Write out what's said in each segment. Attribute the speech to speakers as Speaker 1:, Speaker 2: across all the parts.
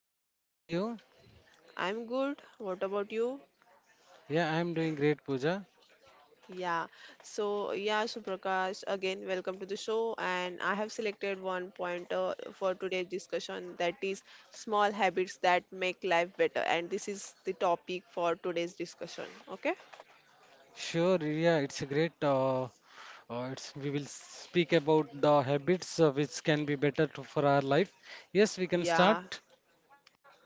Speaker 1: Hello, Pooja. How are you?
Speaker 2: I'm good. What about you?
Speaker 1: Yeah, I'm doing great, Pooja.
Speaker 2: Yeah, so yeah, Suprakash, again, welcome to the show. And I have selected one pointer for today's discussion that is small habits that make life better. And this is the topic for today's discussion. Okay,
Speaker 1: Sure. Yeah, it's a great. It's, we will speak about the habits which can be better for our life. Yes, we can start.
Speaker 2: yeah.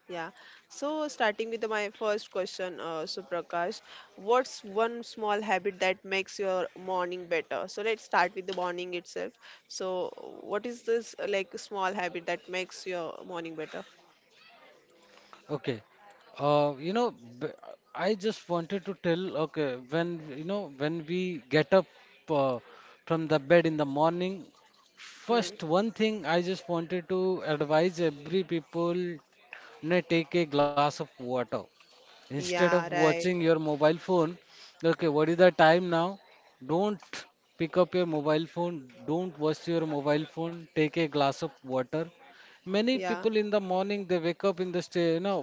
Speaker 2: Yeah. So starting with my first question, Suprakash, what's one small habit that makes your morning better? So let's start with the morning itself. So what is this like small habit that makes your morning better?
Speaker 1: Okay. Uh, you know, b- I just wanted to tell. Okay, when you know, when we get up uh, from the bed in the morning, first
Speaker 2: Hmm.
Speaker 1: one thing I just wanted to advise every people, you know, take a glass of water instead of
Speaker 2: Yeah,
Speaker 1: watching
Speaker 2: right.
Speaker 1: your mobile phone. Okay, what is the time now? Don't pick up your mobile phone, don't watch your mobile phone, take a glass of water. Many
Speaker 2: Yeah.
Speaker 1: people in the morning, they wake up in the you know,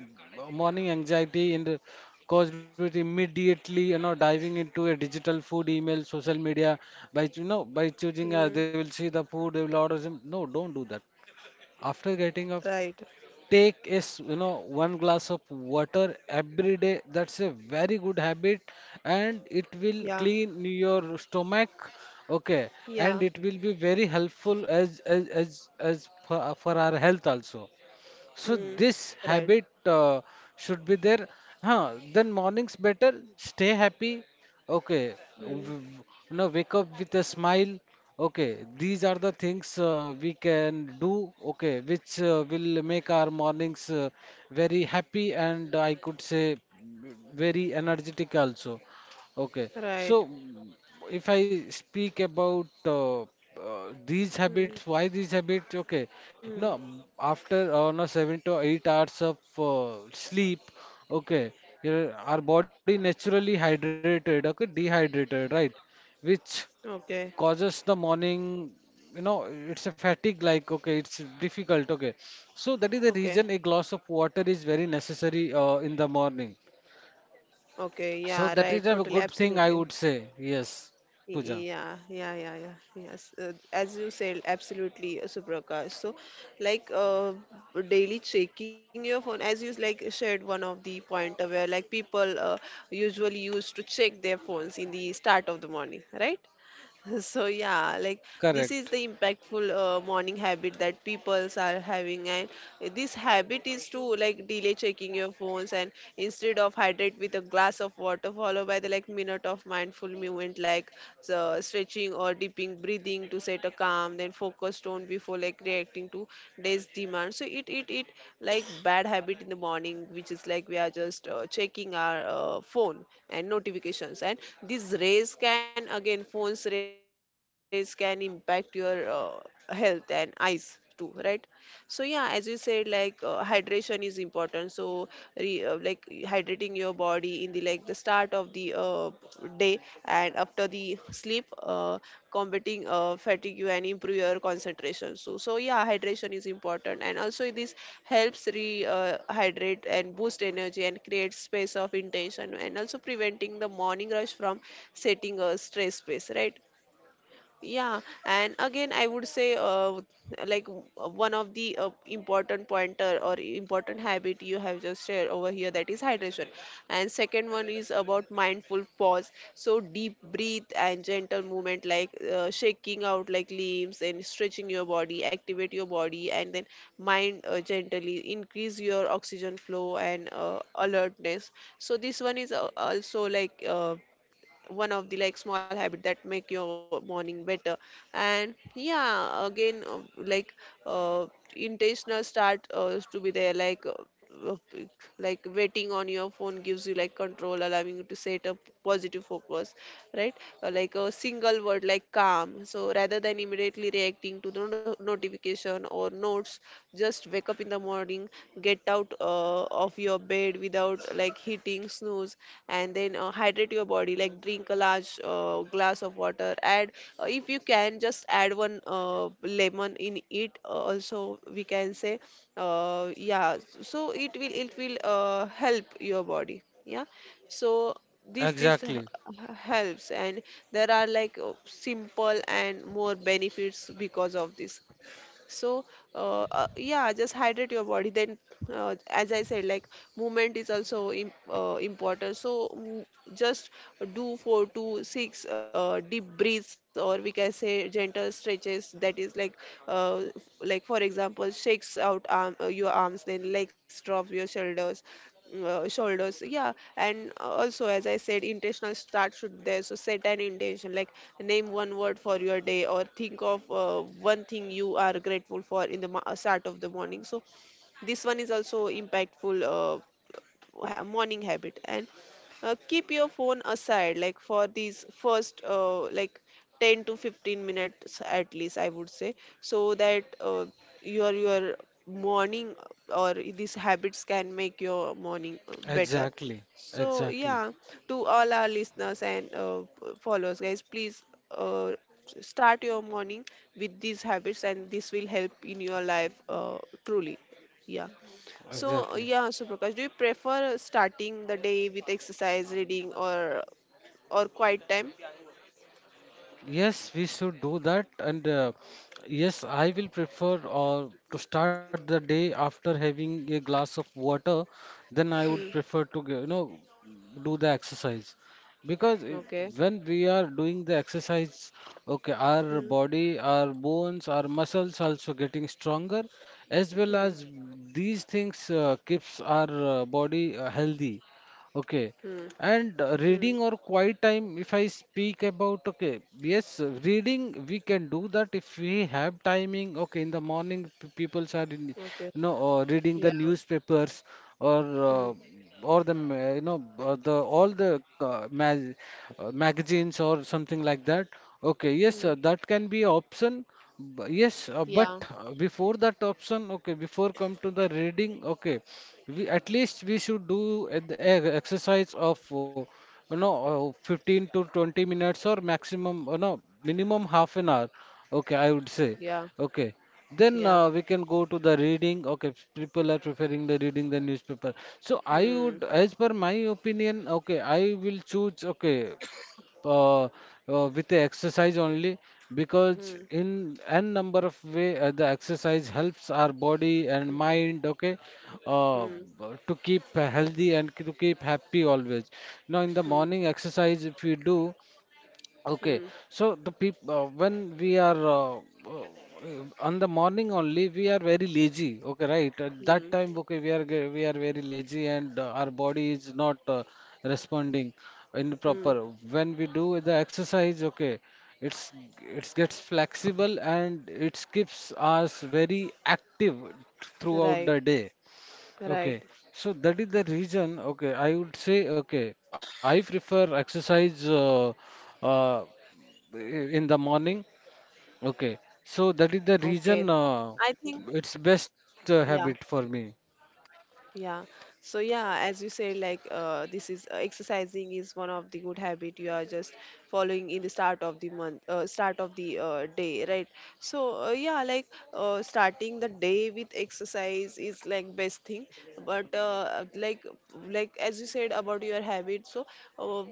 Speaker 1: morning anxiety in the caused with immediately, you know, diving into a digital food, email, social media. By choosing,
Speaker 2: Hmm.
Speaker 1: they will see the food, they will order some. No, don't do that. After getting up,
Speaker 2: Right.
Speaker 1: take is, you know, one glass of water every day. That's a very good habit, and it will
Speaker 2: Yeah.
Speaker 1: clean your stomach. Okay,
Speaker 2: Yeah.
Speaker 1: and it will be very helpful as for our health also. So
Speaker 2: Hmm.
Speaker 1: this
Speaker 2: Right.
Speaker 1: habit should be there. Huh, then mornings better, stay happy. Okay,
Speaker 2: Hmm.
Speaker 1: w- now wake up with a smile. Okay, these are the things we can do, okay, which will make our mornings very happy and I could say, very energetic also. Okay, so
Speaker 2: Right.
Speaker 1: if I speak about these habits,
Speaker 2: Hmm.
Speaker 1: why these habits? Okay,
Speaker 2: Hmm.
Speaker 1: after no 7 to 8 hours of sleep, okay, our body naturally hydrated, okay, dehydrated, right? Which
Speaker 2: Okay.
Speaker 1: causes the morning, you know, it's a fatigue like, okay, it's difficult, okay. So that is the
Speaker 2: Okay.
Speaker 1: reason a glass of water is very necessary in the morning.
Speaker 2: Okay. Yeah,
Speaker 1: So
Speaker 2: right.
Speaker 1: that is
Speaker 2: Totally.
Speaker 1: a good thing,
Speaker 2: Absolutely.
Speaker 1: I would say. Yes, Puja.
Speaker 2: Yeah, yeah, yeah, yeah. Yes, as you said, absolutely, Suprakash. So, like, daily checking your phone, as you like shared one of the point where like people usually used to check their phones in the start of the morning, right? So yeah, like this is the
Speaker 1: Correct.
Speaker 2: impactful morning habit that peoples are having, and this habit is to like delay checking your phones and instead of hydrate with a glass of water, followed by the like minute of mindful movement like the stretching or deeping breathing to set a calm then focused on before like reacting to day's demand so it like bad habit in the morning which is like we are just checking our phone and notifications, and this rays can again phones rays can impact your health and eyes too, right? So yeah, as you said like hydration is important, so like hydrating your body in the like the start of the day and after the sleep, combating fatigue and improve your concentration. So yeah, hydration is important, and also this helps re hydrate and boost energy and create space of intention, and also preventing the morning rush from setting a stress space, right? Yeah, and again, I would say, like one of the important pointer or important habit you have just shared over here that is hydration, and second one is about mindful pause. So deep breathe and gentle movement, like shaking out like limbs and stretching your body, activate your body, and then mind gently increase your oxygen flow and alertness. So this one is also like. One of the like small habit that make your morning better. And yeah again like uh, intentional start to be there uh, like waiting on your phone gives you like control, allowing you to set up positive focus, right? Like a single word like calm. So rather than immediately reacting to the notification or notes, just wake up in the morning, get out of your bed without like hitting snooze, and then hydrate your body. Like drink a large glass of water. Add if you can, just add one lemon in it. Also, we can say, yeah. So it will help your body. Yeah, so this this
Speaker 1: Exactly.
Speaker 2: h- h- helps, and there are like simple and more benefits because of this. So yeah, just hydrate your body, then as I said like movement is also important, so just do four to six deep breaths, or we can say gentle stretches, that is like uh, f- like for example shakes out arm, your arms, then legs, drop your shoulders, shoulders, yeah. And also as I said intentional start should there, so set an intention like name one word for your day, or think of one thing you are grateful for in the start of the morning. So this one is also impactful morning habit, and keep your phone aside like for these first like 10 to 15 minutes at least, I would say. So that your morning or these habits can make your morning better.
Speaker 1: Exactly.
Speaker 2: So yeah,
Speaker 1: Exactly.
Speaker 2: to all our listeners and followers, guys, please uh, start your morning with these habits, and this will help in your life truly. Yeah. So
Speaker 1: Exactly.
Speaker 2: yeah, so Prakash, do you prefer starting the day with exercise, reading, or quiet time?
Speaker 1: Yes, we should do that. And yes, I will prefer to start the day after having a glass of water. Then I
Speaker 2: Hmm.
Speaker 1: would prefer to, you know, do the exercise. Because
Speaker 2: Okay.
Speaker 1: when we are doing the exercise, okay, our
Speaker 2: Hmm.
Speaker 1: body, our bones, our muscles also getting stronger, as well
Speaker 2: Hmm.
Speaker 1: as these things keeps our body healthy. Okay,
Speaker 2: Hmm.
Speaker 1: and
Speaker 2: Hmm.
Speaker 1: reading or quiet time if I speak about, okay, yes, reading we can do that if we have timing, okay, in the morning people are in,
Speaker 2: Okay.
Speaker 1: you know, reading
Speaker 2: Yeah.
Speaker 1: the newspapers, or
Speaker 2: Hmm.
Speaker 1: uh, or the ma- you know the all the mag- magazines or something like that. Okay, yes,
Speaker 2: Hmm.
Speaker 1: that can be option. Yes, uh, but
Speaker 2: Yeah.
Speaker 1: uh, before that option, okay, before come to the reading, okay, we at least we should do an exercise of 15 to 20 minutes, or maximum, you know, minimum half an hour, okay, I would say.
Speaker 2: Yeah.
Speaker 1: Okay, then
Speaker 2: Yeah.
Speaker 1: we can go to the reading. Okay, people are preferring the reading the newspaper. So I
Speaker 2: Hmm.
Speaker 1: would, as per my opinion, okay, I will choose, okay, uh, uh, with the exercise only, because
Speaker 2: Hmm.
Speaker 1: in n number of way the exercise helps our body and
Speaker 2: Hmm.
Speaker 1: mind, okay, uh,
Speaker 2: Hmm.
Speaker 1: uh, to keep healthy and to keep happy always. Now in the
Speaker 2: Hmm.
Speaker 1: morning exercise if you do, okay,
Speaker 2: Hmm.
Speaker 1: so the people, when we are on the morning only we are very lazy. Okay, right? At that
Speaker 2: Hmm.
Speaker 1: time, okay, we are very lazy and our body is not responding in
Speaker 2: Hmm.
Speaker 1: proper. When we do the exercise, okay, it's it gets flexible and it keeps us very active throughout
Speaker 2: Right.
Speaker 1: the day.
Speaker 2: Right.
Speaker 1: Okay, so that is the reason. Okay, I would say, okay, I prefer exercise. Uh, in the morning, okay, so
Speaker 2: Okay.
Speaker 1: that is the
Speaker 2: So
Speaker 1: reason
Speaker 2: I think.
Speaker 1: it's best
Speaker 2: Yeah.
Speaker 1: habit for me.
Speaker 2: Yeah. So yeah, as you said, like this is exercising is one of the good habit you are just following in the start of the month, start of the day, right? So yeah, like starting the day with exercise is like best thing. But like as you said about your habit, so uh,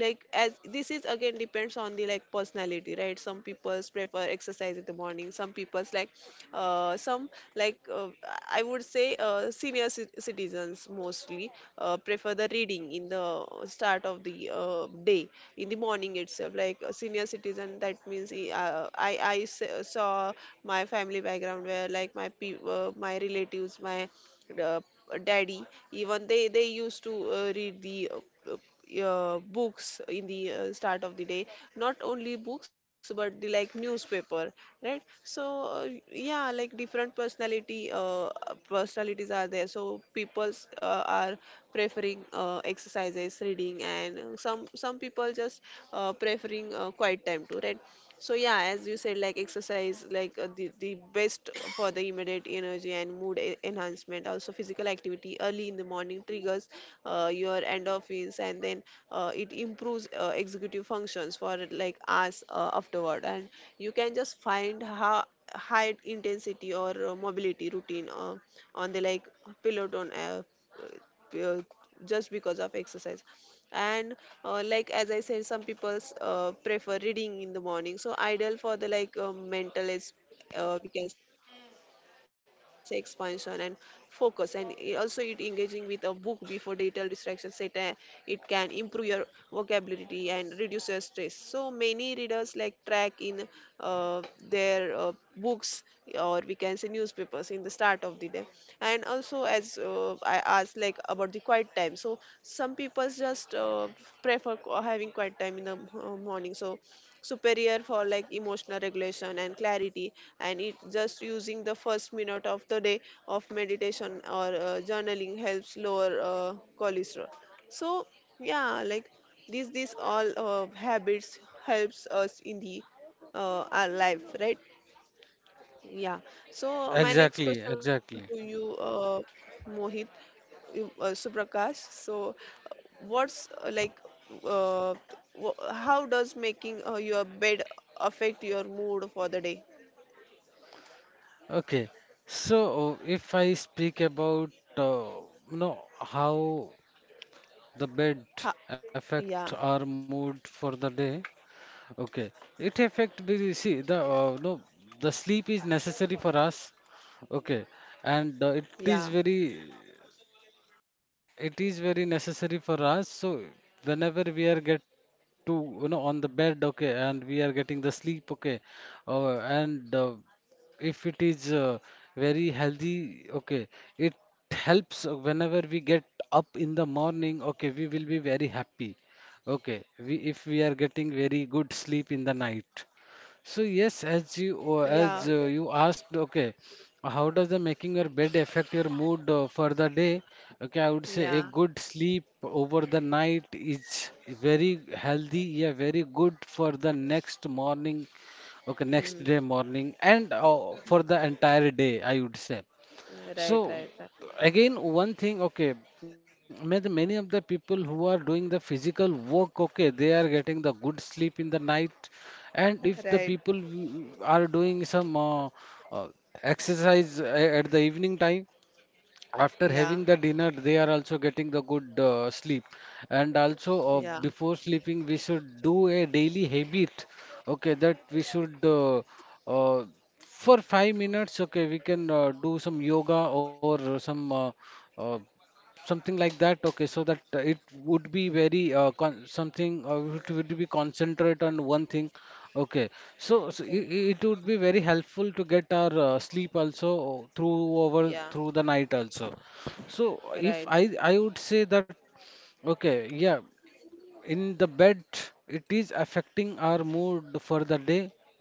Speaker 2: like as this is again depends on the like personality, right? Some people's prefer exercise in the morning, some people's like some like I would say senior citizens mostly prefer the reading in the start of the day in the morning itself, like a senior citizen, that means saw my family background where like my relatives, my uh, daddy, even they used to read the uh, books in the start of the day, not only books but the like newspaper, right? So yeah like different personality personalities are there, so people are preferring exercises, reading, and some people just preferring quiet time too, right? So yeah, as you said, like exercise, like the best for the immediate energy and mood enhancement. Also, physical activity early in the morning triggers your endorphins, and then it improves executive functions for like us afterward. And you can just find how high intensity or mobility routine on the like Peloton app, uh, just because of exercise. And like as I said, some people prefer reading in the morning, so ideal for the like mental is we can say expansion and focus. And also it engaging with a book before digital distraction set, it can improve your vocabulary and reduces stress. So many readers like track in uh, their books, or we can say newspapers in the start of the day. And also as I asked like about the quiet time, so some people just prefer having quiet time in the morning, so superior for like emotional regulation and clarity. And it just using the first minute of the day of meditation or journaling helps lower cholesterol. So yeah like these all habits helps us in the our life, right? Yeah. So my next
Speaker 1: Exactly,
Speaker 2: question to you,
Speaker 1: exactly.
Speaker 2: mohit Suprakash, so uh, what's like uh, how does making your bed affect your mood for the day?
Speaker 1: Okay, so if I speak about, uh, you know, how the bed
Speaker 2: ha-
Speaker 1: affect
Speaker 2: yeah.
Speaker 1: our mood for the day. Okay, it affect, see the, no the sleep is necessary for us, okay, and
Speaker 2: Yeah.
Speaker 1: is very it is very necessary for us. So whenever we are get to, you know, on the bed, okay, and we are getting the sleep, okay, and if it is very healthy, okay, it helps, whenever we get up in the morning, okay, we will be very happy, okay, we, if we are getting very good sleep in the night. So yes, as you uh,
Speaker 2: Yeah.
Speaker 1: as uh, you asked, okay, how does the making your bed affect your mood for the day? Okay, I would say a
Speaker 2: Yeah.
Speaker 1: good sleep over the night is very healthy, yeah, very good for the next morning, okay,
Speaker 2: Hmm.
Speaker 1: next day morning, and for the entire day, I would say.
Speaker 2: Right, right.
Speaker 1: So again, one thing, okay, many of the people who are doing the physical work, okay, they are getting the good sleep in the night, and
Speaker 2: Right,
Speaker 1: if
Speaker 2: right.
Speaker 1: the people who are doing some uh, exercise at the evening time, after
Speaker 2: Yeah.
Speaker 1: having the dinner, they are also getting the good sleep. And also,
Speaker 2: Yeah.
Speaker 1: before sleeping we should do a daily habit, okay, that we should, uh, for 5 minutes, okay, we can do some yoga or some uh, something like that, okay, so that it would be very con- something it would be concentrate on one thing, okay. so, so
Speaker 2: Okay.
Speaker 1: it, it would be very helpful to get our sleep also
Speaker 2: Yeah.
Speaker 1: through the night also. So if
Speaker 2: Right.
Speaker 1: I, I would say that, okay, yeah, in the bed it is affecting our mood for the day.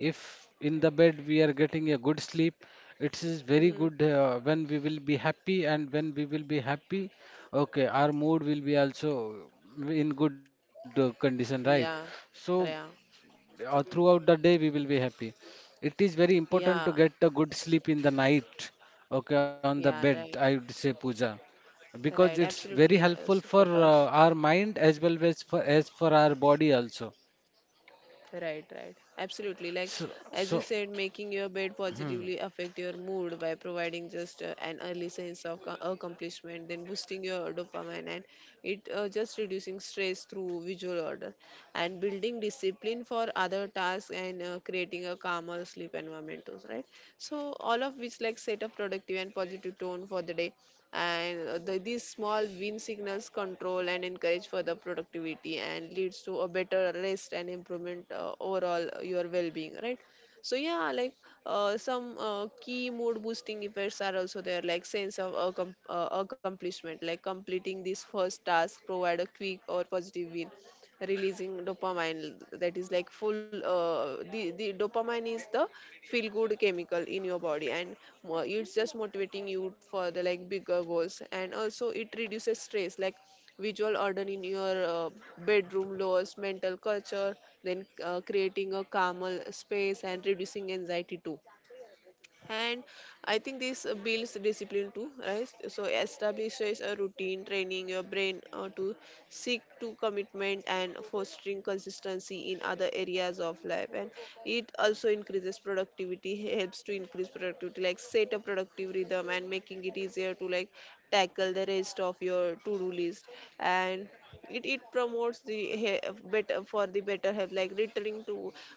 Speaker 1: If in the bed we are getting a good sleep, it is very
Speaker 2: Hmm.
Speaker 1: good, when we will be happy, and when we will be happy, okay, our mood will be also in good condition, right?
Speaker 2: Yeah.
Speaker 1: So
Speaker 2: Yeah.
Speaker 1: or throughout the day we will be happy. It is very important
Speaker 2: Yeah.
Speaker 1: to get a good sleep in the night, okay, on the bed,
Speaker 2: Yeah.
Speaker 1: I
Speaker 2: Right.
Speaker 1: would say, Puja, because it's
Speaker 2: Right.
Speaker 1: very
Speaker 2: Absolutely.
Speaker 1: helpful for
Speaker 2: So Prakash.
Speaker 1: our mind as well as for our body also.
Speaker 2: Right, right. Absolutely. Like
Speaker 1: So
Speaker 2: as you
Speaker 1: so,
Speaker 2: said, making your bed
Speaker 1: hmm,
Speaker 2: positively affect your mood by providing just an early sense of accomplishment, then boosting your dopamine, and it just reducing stress through visual order, and building discipline for other tasks, and creating a calmer sleep environment, too, right? So all of which like set a productive and positive tone for the day and these small win signals control and encourage further productivity and leads to a better rest and improvement overall your well-being, right? So yeah, like some key mood boosting effects are also there, like sense of accomplishment, like completing this first task provide a quick or positive win, releasing dopamine. That is like the dopamine is the feel good chemical in your body, and it's just motivating you for the like bigger goals. And also it reduces stress, like visual order in your bedroom lowers mental culture, then creating a calmer space and reducing anxiety too. And I think this builds discipline too, right? So establishes a routine, training your brain to seek to commitment and fostering consistency in other areas of life. And it also increases productivity helps to increase productivity, like set a productive rhythm and making it easier to like tackle the rest of your to do list. And it promotes the better for the better health, like returning to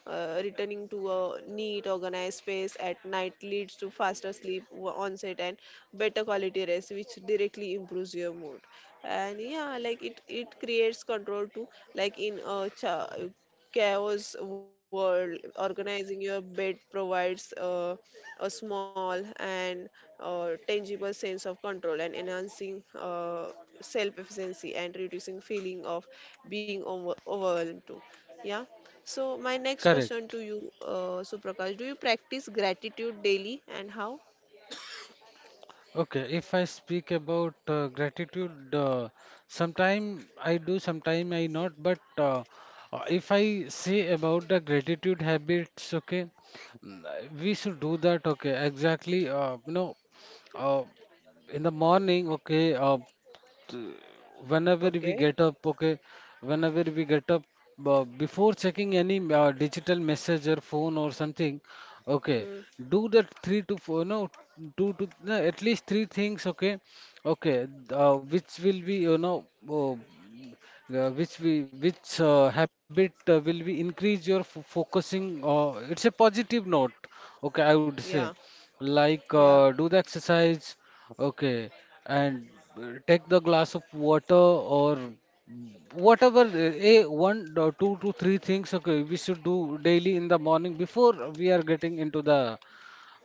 Speaker 2: returning to a neat organized space at night leads to faster sleep onset and better quality rest, which directly improves your mood. And yeah, like it creates control too. Like in a chaos world, organizing your bed provides a small and tangible sense of control and enhancing self efficiency and reducing feeling of being overwhelmed too. Yeah. So my next question
Speaker 1: correct.
Speaker 2: to you, Suprakash, do you practice gratitude daily and how?
Speaker 1: Okay, if I speak about gratitude, sometime I do, sometime I not. But if I say about the gratitude habits, okay, mm, uh, we should do that. Okay, exactly. You know, uh, in the morning, okay. T- Whenever we
Speaker 2: Okay.
Speaker 1: get up, okay, whenever we get up before checking any digital message or phone or something, okay,
Speaker 2: Hmm.
Speaker 1: do that three to four no two to no, at least three things, okay. Okay, which will be, you know, uh, which we which habit will be increase your focusing, it's a positive note, okay, I would say.
Speaker 2: Yeah,
Speaker 1: Like,
Speaker 2: yeah.
Speaker 1: do the exercise, okay, and take the glass of water, or whatever, a one or two to three things, okay, we should do daily in the morning before we are getting into the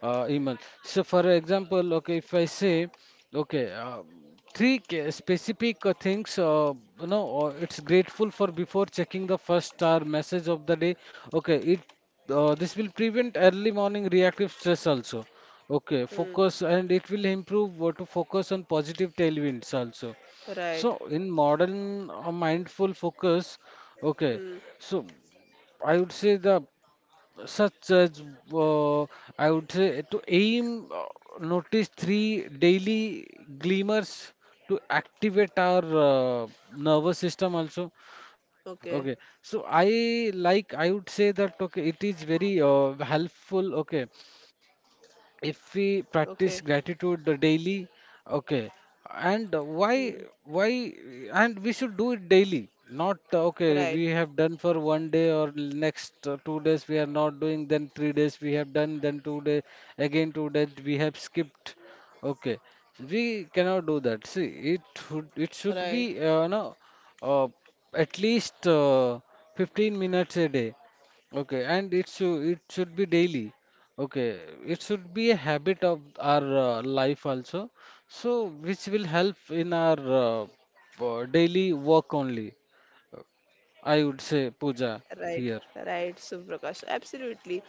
Speaker 1: email. So, for example, okay, if I say, okay, three specific things, you know, or it's grateful for before checking the first star message of the day. Okay, it this will prevent early morning reactive stress also. Okay,
Speaker 2: Hmm.
Speaker 1: focus, and it will improve to focus on positive tailwinds also.
Speaker 2: Right.
Speaker 1: So in modern mindful focus, okay.
Speaker 2: Hmm.
Speaker 1: So I would say the such as, uh, I would say to aim, notice three daily glimmers to activate our nervous system also. Okay,
Speaker 2: Okay.
Speaker 1: so I like I would say that, okay, it is very helpful. Okay, if we practice
Speaker 2: Okay.
Speaker 1: gratitude the daily, okay. And why
Speaker 2: Hmm.
Speaker 1: why and we should do it daily, not, okay
Speaker 2: Right.
Speaker 1: we have done for one day, or next 2 days we are not doing, then 3 days we have done, then 2 day, again 2 days we have skipped, okay, we cannot do that. See, it it should be,
Speaker 2: Right.
Speaker 1: no uh, at least, 15 minutes a day, okay, and it should be daily. Okay, it should be a habit of our life also, so which will help in our daily work only. I would say, Puja,
Speaker 2: Right,
Speaker 1: here.
Speaker 2: right, Suprakash. Absolutely.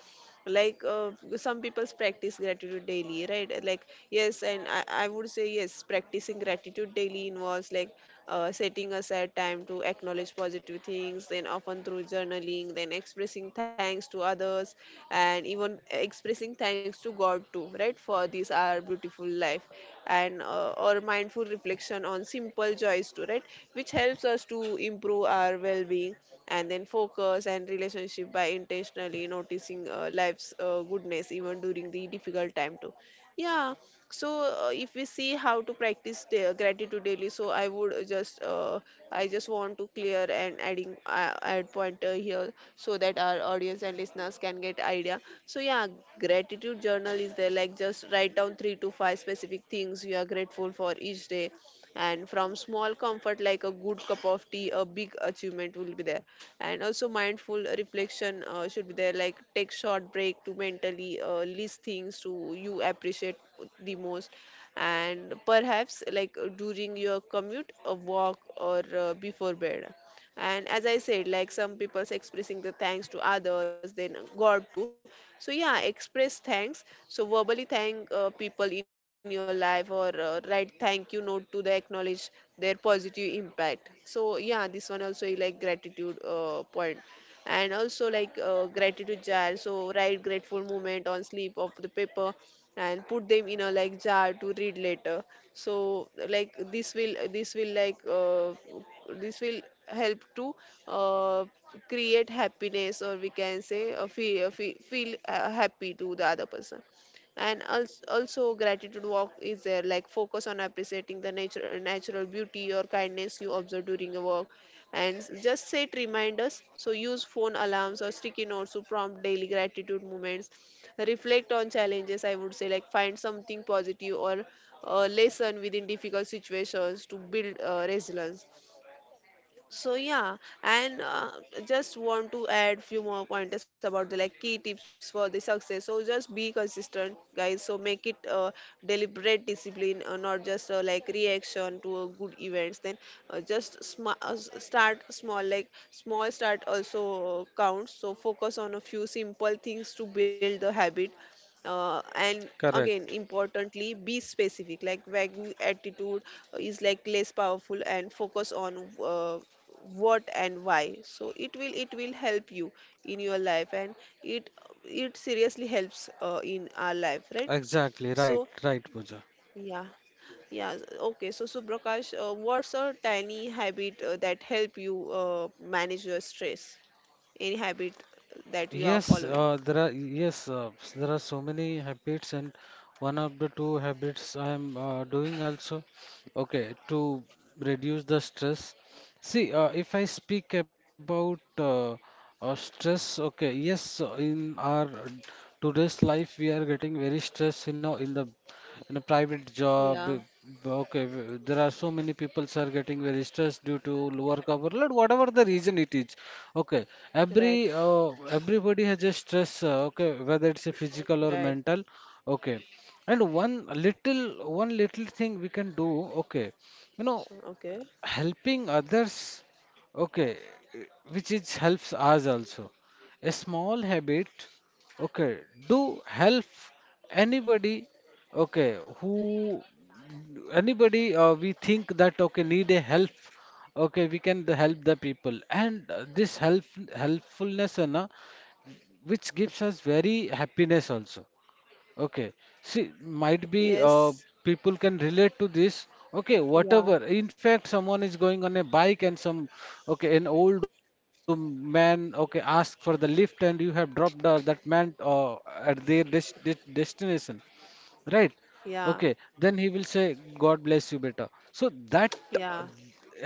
Speaker 2: Like some people's practice gratitude daily, right? Like, yes, and I would say, yes, practicing gratitude daily involves like setting aside time to acknowledge positive things, then often through journaling, then expressing thanks to others, and even expressing thanks to God too, right? For this, our beautiful life, and or mindful reflection on simple joys too, right? Which helps us to improve our well-being and then focus and relationship by intentionally noticing life's goodness even during the difficult time too. Yeah. So if we see how to practice gratitude daily, so I would just I just want to clear and adding add pointer here so that our audience and listeners can get idea. So yeah, gratitude journal is there, like just write down three to five specific things you are grateful for each day, and from small comfort like a good cup of tea a big achievement will be there. And also mindful reflection should be there, like take short break to mentally list things to you appreciate the most, and perhaps like during your commute a walk or before bed. And as I said, like some people's expressing the thanks to others then god too. So yeah, express thanks, so verbally thank people in your life or write thank you note to the acknowledge their positive impact. So yeah, this one also is like gratitude point. And also like gratitude jar, so write grateful moment on slip of the paper and put them in a like jar to read later. So like this will like this will help to uh, create happiness, or we can say feel, feel happy to the other person. And also gratitude walk is there, like focus on appreciating the nature natural beauty or kindness you observe during a walk. And just set reminders, so use phone alarms or sticky notes to prompt daily gratitude moments. Reflect on challenges, I would say, like find something positive or a lesson within difficult situations to build resilience. So yeah, and just want to add few more pointers about the like key tips for the success. So just be consistent, guys. So make it deliberate discipline, not just like reaction to good events. Then start small, like small start also counts. So focus on a few simple things to build the habit. And
Speaker 1: Correct.
Speaker 2: again, importantly be specific, like vague attitude is like less powerful and focus on uh, what and why, so it will help you in your life, and it it seriously helps in our life, right?
Speaker 1: Exactly. Right.
Speaker 2: So
Speaker 1: Right, Pooja.
Speaker 2: yeah. Yeah. Okay, so Subrakash, what's a tiny habit that help you manage your stress? Any habit that you are
Speaker 1: Yes,
Speaker 2: following?
Speaker 1: there are, yes, there are so many habits, and one of the two habits I am doing also. Okay, to reduce the stress. See, if I speak about stress, okay, yes, in our today's life we are getting very stressed, you know, in the in a private job
Speaker 2: Yeah.
Speaker 1: okay there are so many people are getting very stressed due to lower coverload, whatever the reason it is. Okay,
Speaker 2: Right.
Speaker 1: every uh, everybody has a stress, okay, whether it's a physical or
Speaker 2: Right.
Speaker 1: mental. Okay, and little one little thing we can do, okay, you know,
Speaker 2: Okay.
Speaker 1: helping others. Okay, eh, which is helps us also. A small habit, okay. Do help anybody, okay, who anybody we think that okay need a help. Okay, we can help the people, and this helpfulness, na, which gives us very happiness also. Okay. See, might be
Speaker 2: Yes.
Speaker 1: people can relate to this. Okay, whatever.
Speaker 2: Yeah.
Speaker 1: In fact, someone is going on a bike and some, okay, an old man, okay, asked for the lift and you have dropped that man at their destination, right?
Speaker 2: Yeah.
Speaker 1: Okay, then he will say, God bless you, beta. So that,
Speaker 2: Yeah.
Speaker 1: uh,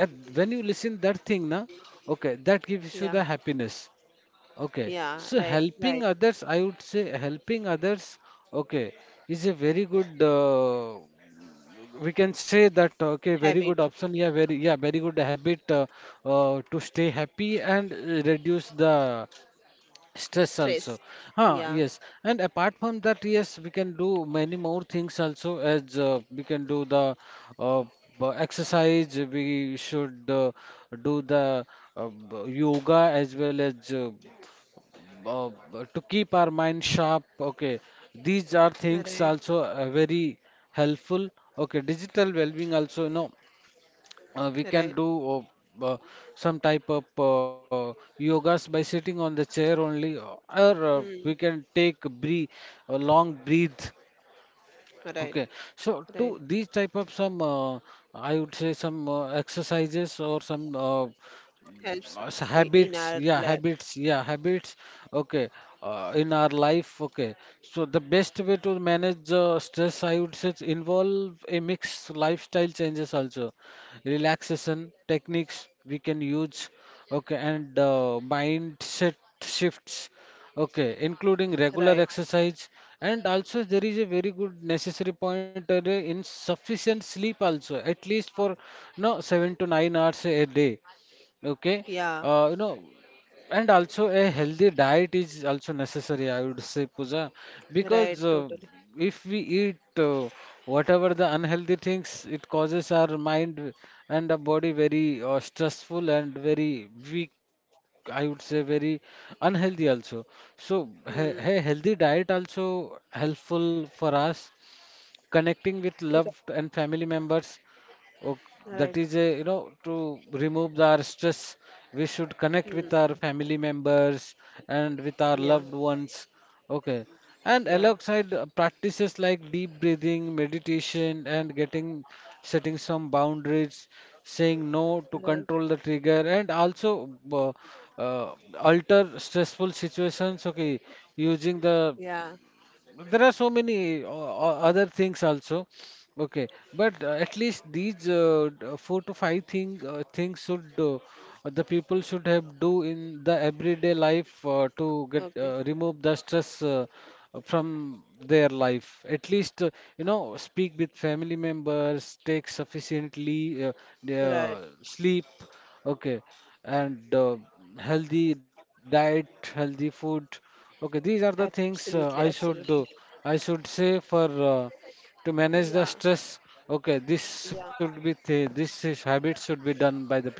Speaker 1: at, when you listen that thing, na, okay, that gives
Speaker 2: Yeah.
Speaker 1: you the happiness. Okay,
Speaker 2: Yeah.
Speaker 1: so
Speaker 2: Right.
Speaker 1: helping
Speaker 2: Right.
Speaker 1: others, I would say helping others, okay, is a very good, we can say that, okay, very good
Speaker 2: Habit.
Speaker 1: option. Yeah, very, yeah, very good habit to stay happy and reduce the stress also.
Speaker 2: Stress.
Speaker 1: Huh,
Speaker 2: Yeah.
Speaker 1: yes, and apart from that, yes, we can do many more things also. As we can do the uh, exercise, we should do the yoga as well as. To keep our mind sharp, okay, these are things
Speaker 2: Right.
Speaker 1: also very helpful. Okay, digital well-being also, you know, we can
Speaker 2: Right.
Speaker 1: do uh, uh, some type of yogas by sitting on the chair only, or we
Speaker 2: Hmm.
Speaker 1: can take a breathe, a long breathe, okay.
Speaker 2: Right.
Speaker 1: So to
Speaker 2: Right.
Speaker 1: these type of some, I would say some exercises or some
Speaker 2: Helps
Speaker 1: so
Speaker 2: I- in
Speaker 1: habits,
Speaker 2: our
Speaker 1: yeah
Speaker 2: life.
Speaker 1: habits, yeah habits, okay, in our life. Okay, so the best way to manage stress, I would say, involve a mix lifestyle changes also, relaxation techniques we can use, okay, and mindset shifts, okay, including regular
Speaker 2: Right.
Speaker 1: exercise. And also there is a very good necessary point, in sufficient sleep also, at least for no 7 to 9 hours a day, okay.
Speaker 2: Yeah.
Speaker 1: You know, and also a healthy diet is also necessary, I would say, puja, because
Speaker 2: Right. Totally.
Speaker 1: if we eat, whatever the unhealthy things, it causes our mind and the body very stressful and very weak, I would say very unhealthy also. So a
Speaker 2: Hmm.
Speaker 1: healthy diet also helpful for us, connecting
Speaker 2: Right.
Speaker 1: with loved and family members. Oh,
Speaker 2: Right.
Speaker 1: that is a, you know, to remove our stress, we should connect
Speaker 2: Hmm.
Speaker 1: with our family members and with our
Speaker 2: Yeah.
Speaker 1: loved ones, okay. And
Speaker 2: Yeah.
Speaker 1: alongside practices like deep breathing, meditation, and getting setting some boundaries, saying no to
Speaker 2: Right.
Speaker 1: control the trigger, and also uh, alter stressful situations, okay, using the.
Speaker 2: Yeah.
Speaker 1: There are so many other things also, okay, but at least these four to five things should, the people should have do in the everyday life to get
Speaker 2: Okay.
Speaker 1: remove the stress from their life, at least, you know, speak with family members, take sufficiently
Speaker 2: Right.
Speaker 1: sleep, okay, and healthy diet, healthy food. Okay, these are the things
Speaker 2: Absolutely.
Speaker 1: I should
Speaker 2: Absolutely.
Speaker 1: do. I should say for uh, to manage the
Speaker 2: Yeah.
Speaker 1: stress. Okay, this should
Speaker 2: Yeah.
Speaker 1: be this is habit should be done by the people.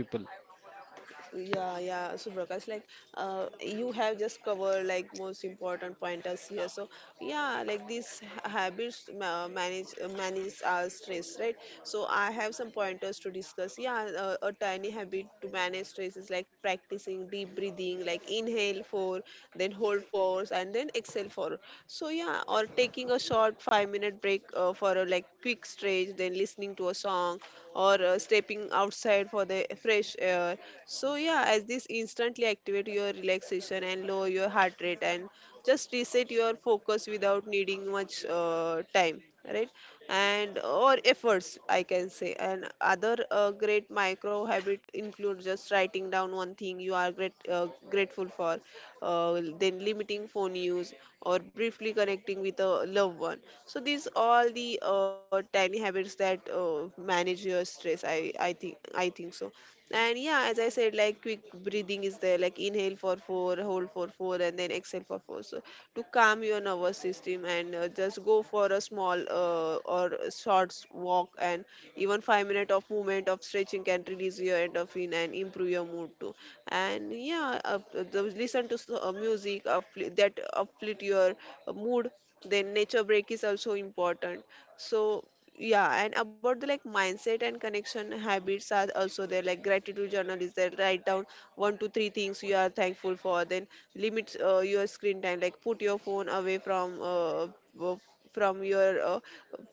Speaker 2: Yeah, yeah. So Prakash, like, you have just covered like most important pointers here. So yeah, like these habits manage our stress, right? So I have some pointers to discuss. Yeah, a tiny habit to manage stress is like practicing deep breathing, like inhale for, then hold for, and then exhale for. So yeah, or taking a short 5-minute break for a like quick stretch, then listening to a song, or or stepping outside for the fresh air. So yeah, as this instantly activate your relaxation and lower your heart rate and just reset your focus without needing much time, right? And or efforts, I can say. And other great micro habit include just writing down one thing you are grateful for, then limiting phone use or briefly connecting with a loved one. So these all the tiny habits that manage your stress, I think so. And yeah, as I said, like quick breathing is there, like inhale for 4 hold for 4 and then exhale for 4, so to calm your nervous system and just go for a small or a short walk, and even 5 minutes of movement of stretching can release your endorphin and improve your mood too. And yeah, listen to music uplift, that uplift your mood food, then nature break is also important. So yeah, and about the like mindset and connection habits are also there, like gratitude journal is there, write down one to three things you are thankful for. Then limit your screen time, like put your phone away uh, from your uh,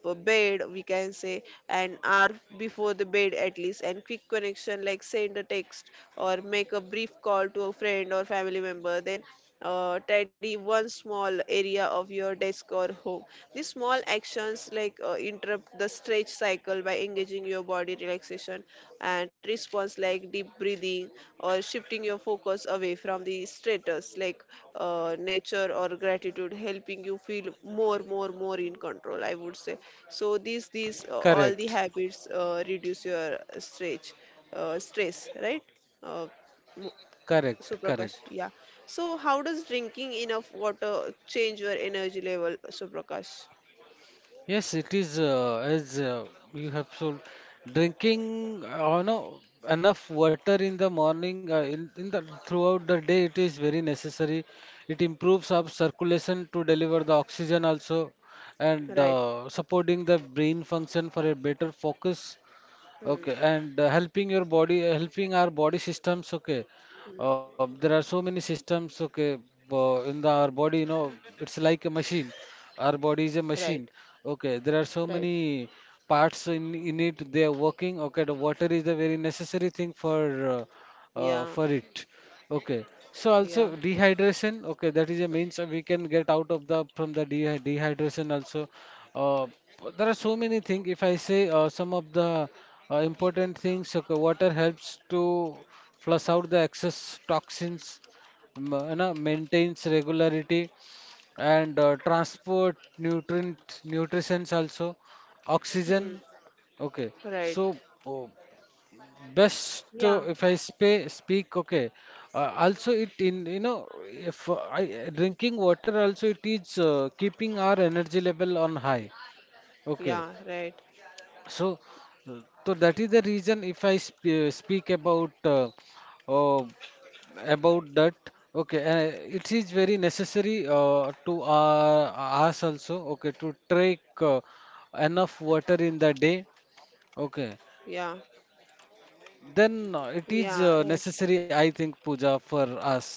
Speaker 2: uh, bed we can say, an hour before the bed at least. And quick connection, like send a text or make a brief call to a friend or family member, then tidy one small area of your desk or home. These small actions like interrupt the stretch cycle by engaging your body relaxation and response like deep breathing or shifting your focus away from the status, like nature or gratitude, helping you feel more in control, I would say. So these all the
Speaker 1: Correct,
Speaker 2: habits reduce your stretch stress, right? Uh,
Speaker 1: correct, correct.
Speaker 2: Suprakash, yeah. So, how does drinking enough water change your energy level, Suprakash?
Speaker 1: Yes, it is, as you have told, drinking, no, enough water in the morning, in the throughout the day, it is very necessary. It improves our circulation to deliver the oxygen also, and
Speaker 2: Right.
Speaker 1: supporting the brain function for a better focus,
Speaker 2: Hmm.
Speaker 1: okay, and helping our body systems, okay. There are so many systems, okay, in the our body, you know, it's like a machine. Our body is a
Speaker 2: Right.
Speaker 1: machine, okay. There are so
Speaker 2: Right.
Speaker 1: many parts in it they are working, okay. The water is the very necessary thing uh,
Speaker 2: Yeah.
Speaker 1: for it, okay. So
Speaker 2: Yeah.
Speaker 1: also dehydration, okay, that is a means we can get out of the from the dehydration also, uh, there are so many things. If I say some of the important things, okay, water helps to flush out the excess toxins, you know, maintains regularity, and transport nutrient nutrients also,
Speaker 2: Hmm.
Speaker 1: oxygen. Okay,
Speaker 2: Right.
Speaker 1: so uh, best,
Speaker 2: Yeah.
Speaker 1: if I speak. Okay, also it in, you know, if I drinking water also, it is keeping our energy level on high. Okay,
Speaker 2: Yeah. Right.
Speaker 1: so uh, so that is the reason if I speak uh, about that. Okay, it is very necessary to us also. Okay, to take enough water in the day. Okay,
Speaker 2: Yeah.
Speaker 1: then it
Speaker 2: Yeah.
Speaker 1: is
Speaker 2: Right.
Speaker 1: necessary, I think, puja, for us.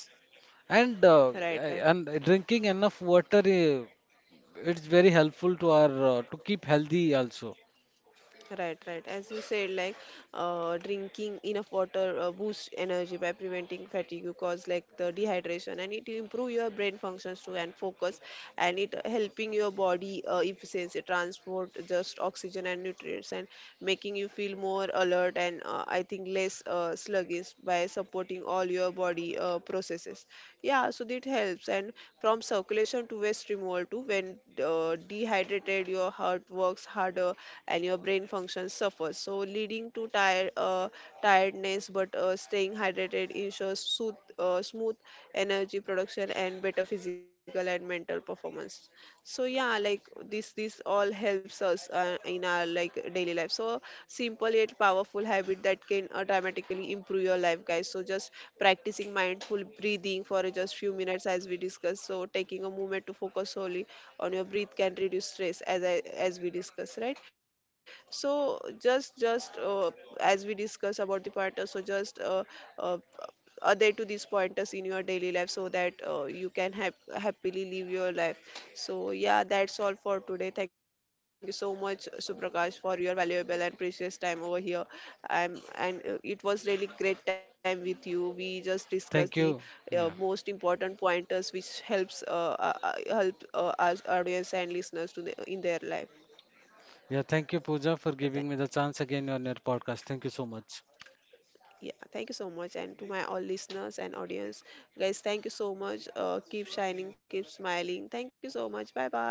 Speaker 1: And uh,
Speaker 2: Right. Right.
Speaker 1: and drinking enough water, it's very helpful to our, to keep healthy also.
Speaker 2: Right, right. As you said, like drinking enough water boosts energy by preventing fatigue, cause like the dehydration, and it improve your brain functions too and focus, and it helping your body efficiency transport just oxygen and nutrients, and making you feel more alert and I think less sluggish by supporting during all your body processes. Yeah, so that helps. And from circulation to waste removal to when dehydrated, your heart works harder and your brain function suffers, so leading to tiredness. But staying hydrated ensures smooth energy production and better physical and mental performance. So yeah, like this all helps us in our like daily life. So simple yet powerful habit that can dramatically improve your life, guys. So just practicing mindful breathing for just few minutes as we discussed, so taking a moment to focus solely on your breath can reduce stress as as we discussed, right? So just as we discuss about the part so just uh, other to these pointers in your daily life so that you can happily live your life. So, yeah, that's all for today. Thank you so much, Suprakash, for your valuable and precious time over here. And It was really great time with you. We just discussed the
Speaker 1: Thank you.
Speaker 2: most
Speaker 1: Yeah.
Speaker 2: important pointers which helps help us audience and listeners to the, in their life.
Speaker 1: Yeah, thank you, Pooja, for
Speaker 2: Thank—
Speaker 1: giving me the chance again on your podcast. Thank you so much.
Speaker 2: Yeah, thank you so much. And to my all listeners and audience, guys, thank you so much. Keep shining, keep smiling. Thank you so much. Bye bye.